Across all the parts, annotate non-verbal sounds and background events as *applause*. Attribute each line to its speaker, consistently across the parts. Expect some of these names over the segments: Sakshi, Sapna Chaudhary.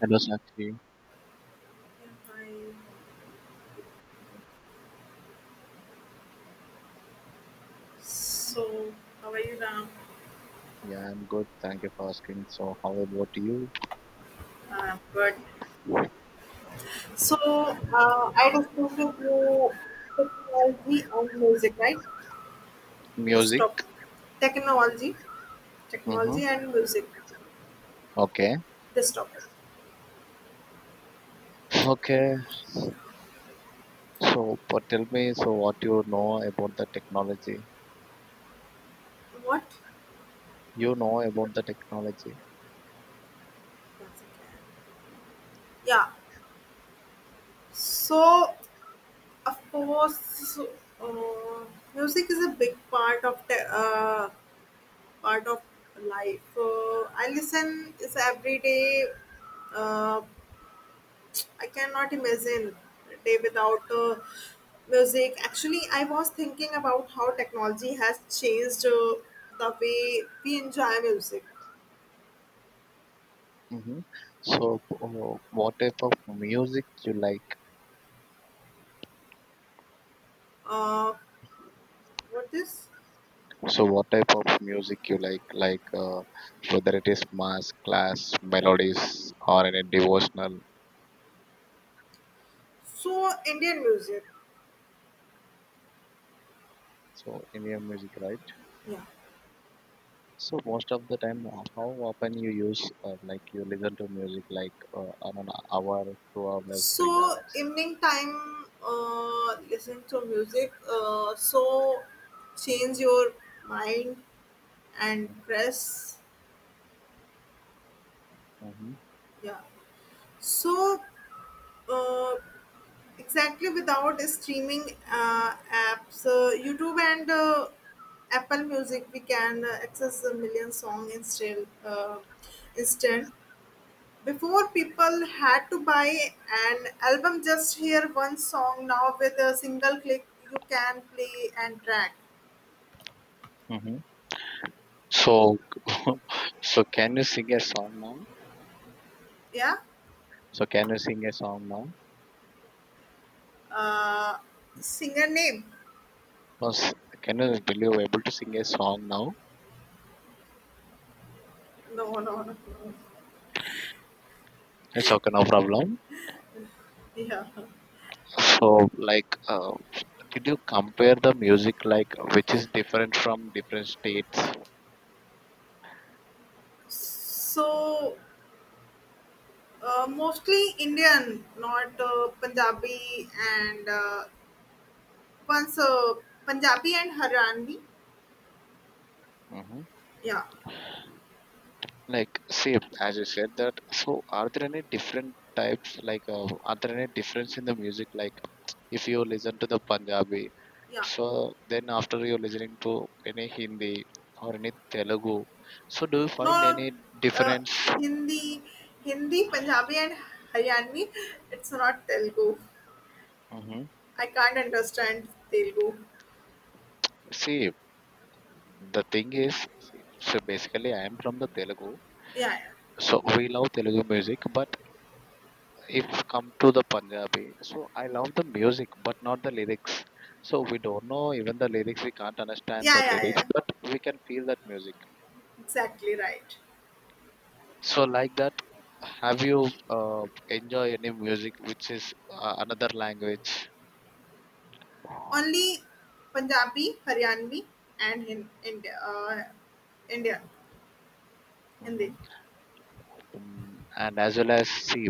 Speaker 1: Hello, Sakshi.
Speaker 2: Yeah, hi. So, how are you, Ram?
Speaker 1: Yeah, I'm good. Thank you for asking. So, how about you?
Speaker 2: Good. So, I discussed with you technology and music, right? This
Speaker 1: Music?
Speaker 2: topic. Technology,
Speaker 1: Mm-hmm.
Speaker 2: technology and music.
Speaker 1: Okay.
Speaker 2: This topic.
Speaker 1: Okay. So, but tell me, so what you know about the technology?
Speaker 2: What?
Speaker 1: You know about the technology.
Speaker 2: Music. Yeah. So, of course, uh, music is a big part of part of life. I listen is every day. Uh, I cannot imagine a day without music. Actually, I was thinking about how technology has changed the way we enjoy music.
Speaker 1: Mm-hmm. So, what type of music you like?
Speaker 2: Uh, what is
Speaker 1: So, what type of music you like? Like, whether it is mass, class, melodies, or any devotional.
Speaker 2: so Indian music?
Speaker 1: So, in your music, right?
Speaker 2: Yeah.
Speaker 1: So most of the time, how often you use like you listen to music like not know, hour, 2 hours, three
Speaker 2: So
Speaker 1: hours.
Speaker 2: evening time, listen to music. So change your mind and press.
Speaker 1: Mm-hmm.
Speaker 2: Yeah. So uh, exactly without streaming apps, youtube and apple music, we can access a million song, instant. Before people had to buy an album just hear one song, now with a single click you can play and track.
Speaker 1: Mm-hmm. So *laughs* so can you sing a song now?
Speaker 2: Yeah,
Speaker 1: So can you sing a song now?
Speaker 2: uh, singer name.
Speaker 1: Plus, can you will you able to sing a song now?
Speaker 2: No, no, no, no.
Speaker 1: It's okay, no problem.
Speaker 2: Yeah,
Speaker 1: So like, did you compare the music like which is different from different states?
Speaker 2: so mostly Indian, not Punjabi and once Punjabi and Haryanvi.
Speaker 1: Mm-hmm.
Speaker 2: Yeah,
Speaker 1: Like, same as you said that. So, are there any different types? Like, are there any difference in the music? Like, if you listen to the Punjabi,
Speaker 2: yeah.
Speaker 1: so then after you listening to any Hindi or any Telugu, so do you
Speaker 2: No,
Speaker 1: find any
Speaker 2: uh,
Speaker 1: difference?
Speaker 2: Hindi, Hindi, Punjabi and Haryanvi. It's not Telugu.
Speaker 1: Hmm.
Speaker 2: I can't understand Telugu.
Speaker 1: See, the thing is, see, so basically, I am from the Telugu,
Speaker 2: Yeah,
Speaker 1: so we love Telugu music, but if come to the Punjabi, so I love the music but not the lyrics. So we don't know even the lyrics, we can't understand the
Speaker 2: yeah, yeah, yeah,
Speaker 1: lyrics,
Speaker 2: yeah.
Speaker 1: but we can feel that music.
Speaker 2: Exactly right.
Speaker 1: So like that, have you enjoy any music which is another language?
Speaker 2: Only Punjabi, Haryanvi, and in India, Indian,
Speaker 1: Hmm.
Speaker 2: Hindi.
Speaker 1: And as well as see,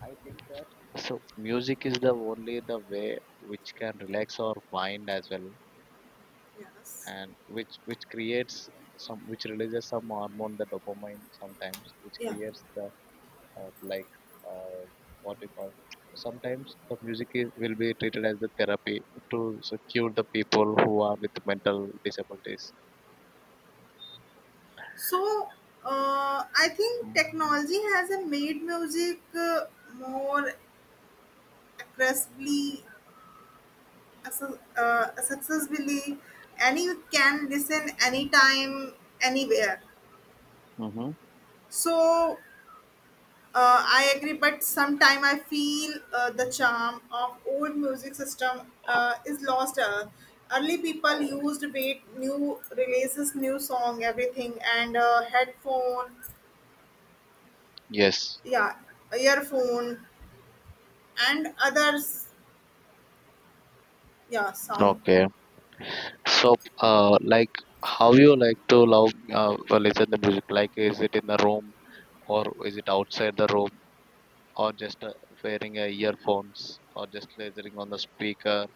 Speaker 1: I think that so music is the only the way which can relax our mind as well
Speaker 2: Yes.
Speaker 1: and which creates some which releases some hormone the dopamine sometimes which
Speaker 2: Yeah.
Speaker 1: creates the uh, like uh, what we call sometimes the music is, will be treated as the therapy to so, cure the people who are with mental disabilities.
Speaker 2: So, I think technology has made music more aggressively, accessibly, and you can listen anytime, anywhere.
Speaker 1: Mm-hmm.
Speaker 2: So, I agree, but sometime I feel the charm of old music system is lost. Early people used wait new releases, new song, everything, and headphone,
Speaker 1: Yes.
Speaker 2: yeah, earphone and others, yeah, sound.
Speaker 1: Okay. So, like, how you like to love listen the music? Like, is it in the room or is it outside the room? Or just wearing earphones or just listening on the speaker?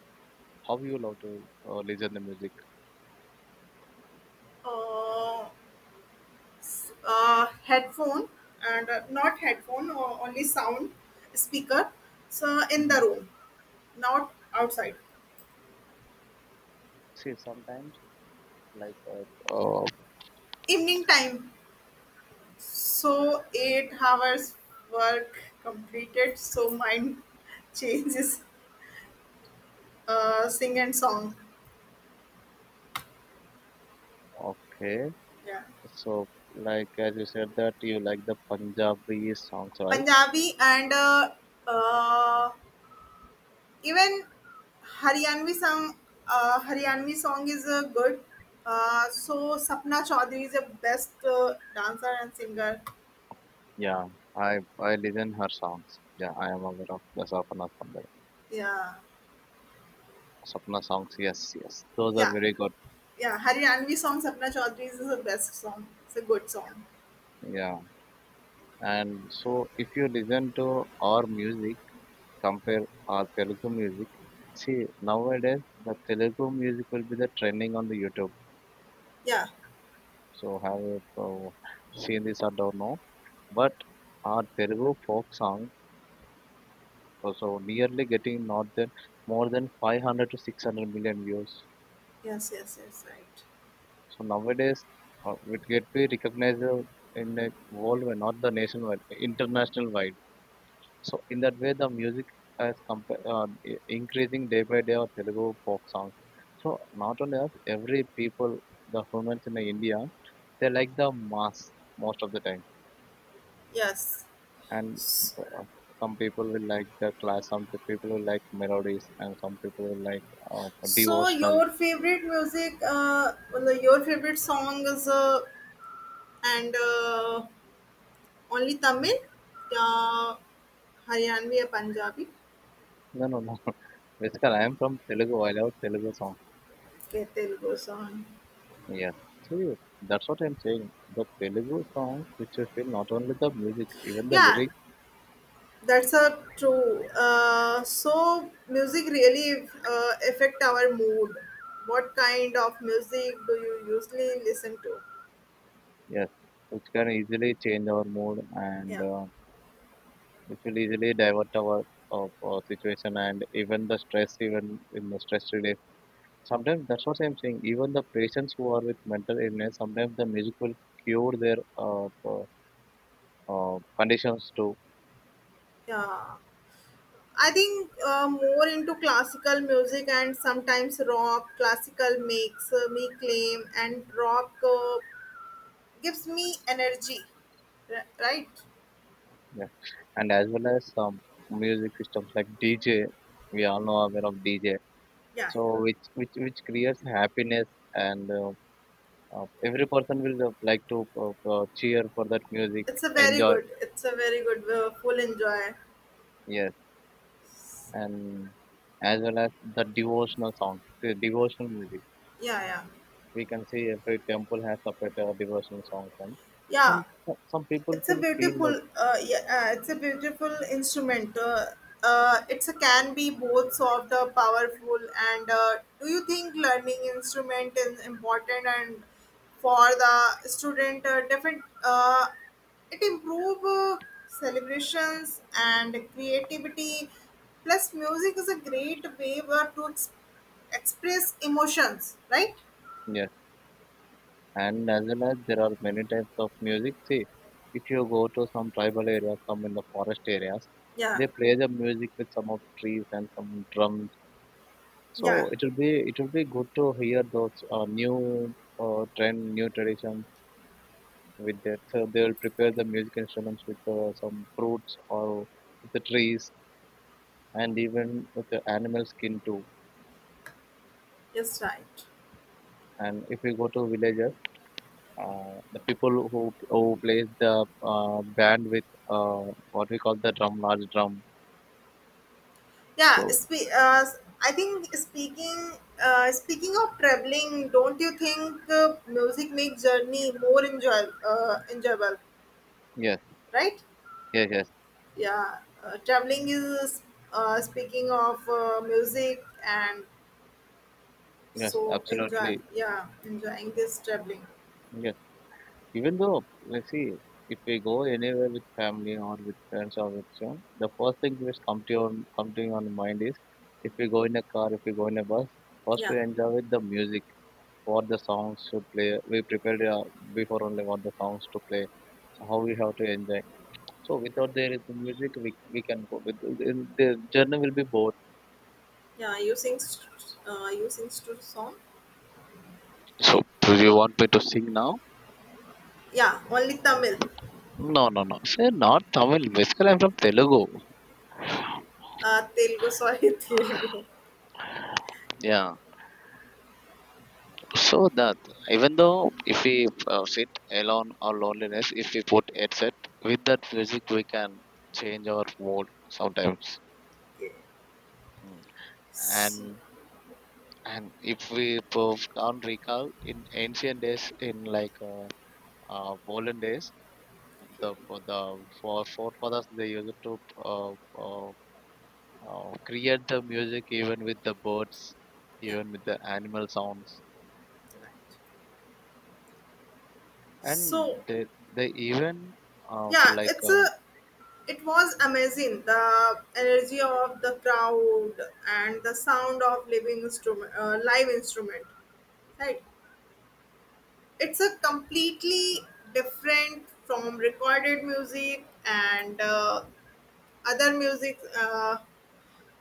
Speaker 1: How you love to listen the music?
Speaker 2: uh, Headphone and not headphone or only sound speaker, so in the
Speaker 1: Hmm.
Speaker 2: room, not outside.
Speaker 1: See sometimes like oh,
Speaker 2: Evening time, so 8 hours work completed, so mind *laughs* changes, sing and song.
Speaker 1: okay.
Speaker 2: Yeah,
Speaker 1: So like as you said that you like the Punjabi songs, right?
Speaker 2: punjabi and uh, even Haryanvi song, Haryanvi song is good. So Sapna Chaudhary is the best dancer and singer.
Speaker 1: Yeah. I listen her songs. Yeah, I am aware of the Sapna
Speaker 2: Yeah,
Speaker 1: Sapna songs, yes, yes, those are
Speaker 2: yeah,
Speaker 1: very good.
Speaker 2: yeah. Haryanvi song Sapna Chaudhary is the best song. It's a good song.
Speaker 1: Yeah. And so if you listen to our music, compare our Telugu music. See, nowadays the Telugu music will be the trending on the YouTube.
Speaker 2: Yeah.
Speaker 1: So have you uh, seen this? I don't know. But our Telugu folk song also nearly getting not than more than 500 to 600 million views.
Speaker 2: Yes. Yes. Yes. Right.
Speaker 1: So nowadays it get be recognized in a worldwide, not the nationwide, international wide. So in that way, the music has increasing day by day of Telugu folk songs. So not only us, every people, the humans in India, they like the mass most of the time,
Speaker 2: Yes.
Speaker 1: and
Speaker 2: S-
Speaker 1: uh, some people will like the class, some people will like melodies, and some people will like
Speaker 2: So
Speaker 1: devotional.
Speaker 2: your favorite music, well, your favorite song is and only Tamil, uh, Haryanvi or Punjabi?
Speaker 1: No, no, no. *laughs* Basically, I am from Telugu. I love Telugu song.
Speaker 2: Okay, Telugu song.
Speaker 1: Yeah. So you, that's what I'm saying. The Telugu songs, which you feel not only the music, even the
Speaker 2: Yeah,
Speaker 1: lyrics.
Speaker 2: that's a true. So music really affect our mood. What kind of music do you usually listen to?
Speaker 1: Yes, it can easily change our mood and
Speaker 2: Yeah,
Speaker 1: it will easily divert our of situation and even the stress, even in the stress relief. Sometimes that's what I'm saying. Even the patients who are with mental illness, sometimes the music will cure their conditions too.
Speaker 2: yeah. I think more into classical music and sometimes rock. Classical makes me claim, and rock gives me energy. Right?
Speaker 1: Yeah. And as well as some music systems like DJ, we all know aware of DJ.
Speaker 2: Yeah, yeah.
Speaker 1: So which creates happiness and every person will like to cheer for that music.
Speaker 2: It's a very
Speaker 1: Enjoy.
Speaker 2: good. It's a very good. Full enjoy.
Speaker 1: Yes, and as well as the devotional songs, the devotional music.
Speaker 2: Yeah, yeah,
Speaker 1: We can see every temple has separate devotional songs, and
Speaker 2: yeah.
Speaker 1: some people
Speaker 2: It's a
Speaker 1: feel like
Speaker 2: beautiful, it's a beautiful instrument. It's a can be both soft, powerful, and do you think learning instrument is important and for the student different? It improve celebrations and creativity. Plus, music is a great way to express emotions, right?
Speaker 1: yes. And as well as there are many types of music. See, if you go to some tribal areas, some in the forest areas,
Speaker 2: Yeah,
Speaker 1: they play the music with some of trees and some drums.
Speaker 2: yeah,
Speaker 1: So it will be good to hear those new trend, new tradition, with that. So they will prepare the music instruments with some fruits or with the trees and even with the animal skin too.
Speaker 2: yes, right.
Speaker 1: And if you go to villages, the people who plays the band with uh, what we call the drum, large drum.
Speaker 2: Yeah,
Speaker 1: So
Speaker 2: spe- uh, I think speaking of traveling, don't you think music makes journey more enjoyable,
Speaker 1: yes,
Speaker 2: right?
Speaker 1: yes, yes,
Speaker 2: Yeah, traveling is speaking of music and
Speaker 1: yes,
Speaker 2: so enjoy.
Speaker 1: absolutely,
Speaker 2: Yeah, enjoying this traveling.
Speaker 1: yes. Even though, let's see, if we go anywhere with family or with friends or with some, the first thing which come to your mind is if we go in a car, if we go in a bus, first
Speaker 2: Yeah,
Speaker 1: we enjoy with the music, what the songs should play. We prepared before only what the songs to play, so how we have to enjoy. So without there is the music, we can go. With, in- the journey will be bored.
Speaker 2: yeah. You sing song.
Speaker 1: So do you want me to sing now?
Speaker 2: Yeah, only Tamil.
Speaker 1: No, no, no. Sir, not Tamil. Basically, I'm from Telugu.
Speaker 2: Telugu, sorry, *laughs* Telugu.
Speaker 1: Yeah. So that even though if we sit alone or loneliness, if we put headset with that music, we can change our mood sometimes.
Speaker 2: Okay.
Speaker 1: Mm.
Speaker 2: S-
Speaker 1: And if we can't recall in ancient days, in like olden days, the
Speaker 2: okay.
Speaker 1: for forefathers they used to uh, create the music even with the birds,
Speaker 2: Yeah.
Speaker 1: even with the animal sounds,
Speaker 2: Right.
Speaker 1: and
Speaker 2: So
Speaker 1: they even uh,
Speaker 2: yeah,
Speaker 1: like
Speaker 2: it's a,
Speaker 1: um,
Speaker 2: it was amazing, the energy of the crowd and the sound of living instrument, live instrument, right. It's a completely different from recorded music and other music.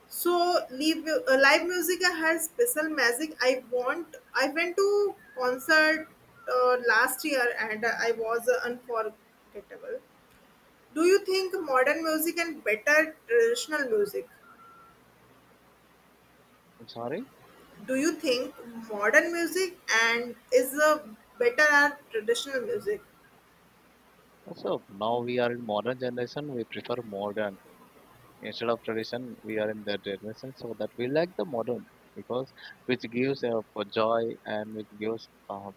Speaker 2: So live, live music has special magic. I went to concert last year and I was unforgettable. Do you think modern music and better traditional music
Speaker 1: I'm sorry.
Speaker 2: Do you think modern music and is a better at traditional music?
Speaker 1: So now we are in modern generation. We prefer modern instead of tradition. We are in the generation so that we like the modern because which gives joy and which gives.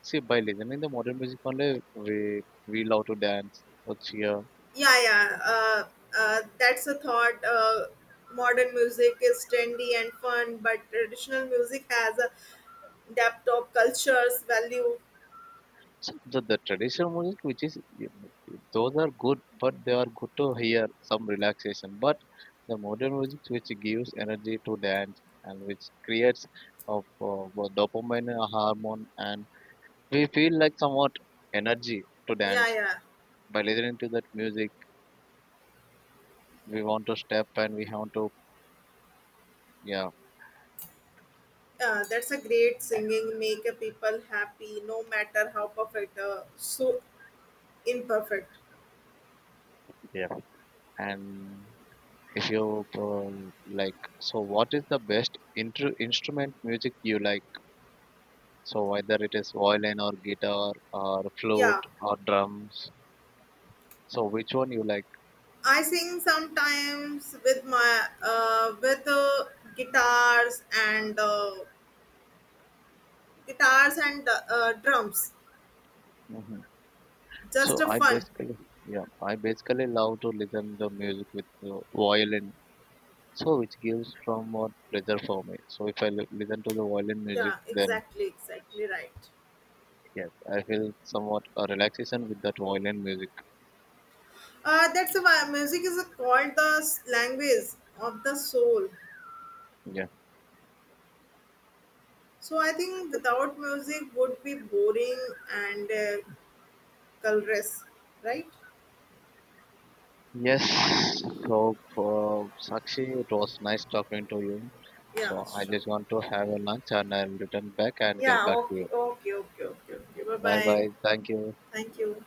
Speaker 1: See, by listening the modern music only, we love to dance or cheer.
Speaker 2: Yeah, yeah. That's a thought, modern music is trendy and fun but traditional music has a depth of cultures value.
Speaker 1: So the traditional music, which is those are good, but they are good to hear some relaxation. But the modern music, which gives energy to dance and which creates of dopamine hormone and we feel like somewhat energy to
Speaker 2: yeah
Speaker 1: dance
Speaker 2: yeah
Speaker 1: by listening to that music. We want to step and we want to yeah.
Speaker 2: uh, That's a great singing, make a people happy no matter how perfect, imperfect.
Speaker 1: Yeah. And if you like, so what is the best instrument music you like? So whether it is violin or guitar or
Speaker 2: Yeah,
Speaker 1: flute or drums. So which one you like?
Speaker 2: I sing sometimes with my with guitars and guitars and drums.
Speaker 1: Hmm. So
Speaker 2: Just a
Speaker 1: I
Speaker 2: fun.
Speaker 1: basically yeah I basically love to listen the music with violin. So which gives from more pleasure for me. So if I listen to the violin music,
Speaker 2: Yeah,
Speaker 1: then
Speaker 2: exactly, exactly right.
Speaker 1: yes, I feel somewhat a relaxation with that violin music.
Speaker 2: That's why music is called the language of the soul.
Speaker 1: Yeah.
Speaker 2: So I think without music would be boring and colorless, right?
Speaker 1: Yes. So, for Sakshi, it was nice talking to you.
Speaker 2: Yeah,
Speaker 1: So, I
Speaker 2: sure.
Speaker 1: just want to have a lunch and I'll return back and get
Speaker 2: Yeah,
Speaker 1: back to
Speaker 2: okay,
Speaker 1: you.
Speaker 2: okay, okay, okay, okay. Bye
Speaker 1: Bye
Speaker 2: bye.
Speaker 1: bye. Thank you.
Speaker 2: Thank you.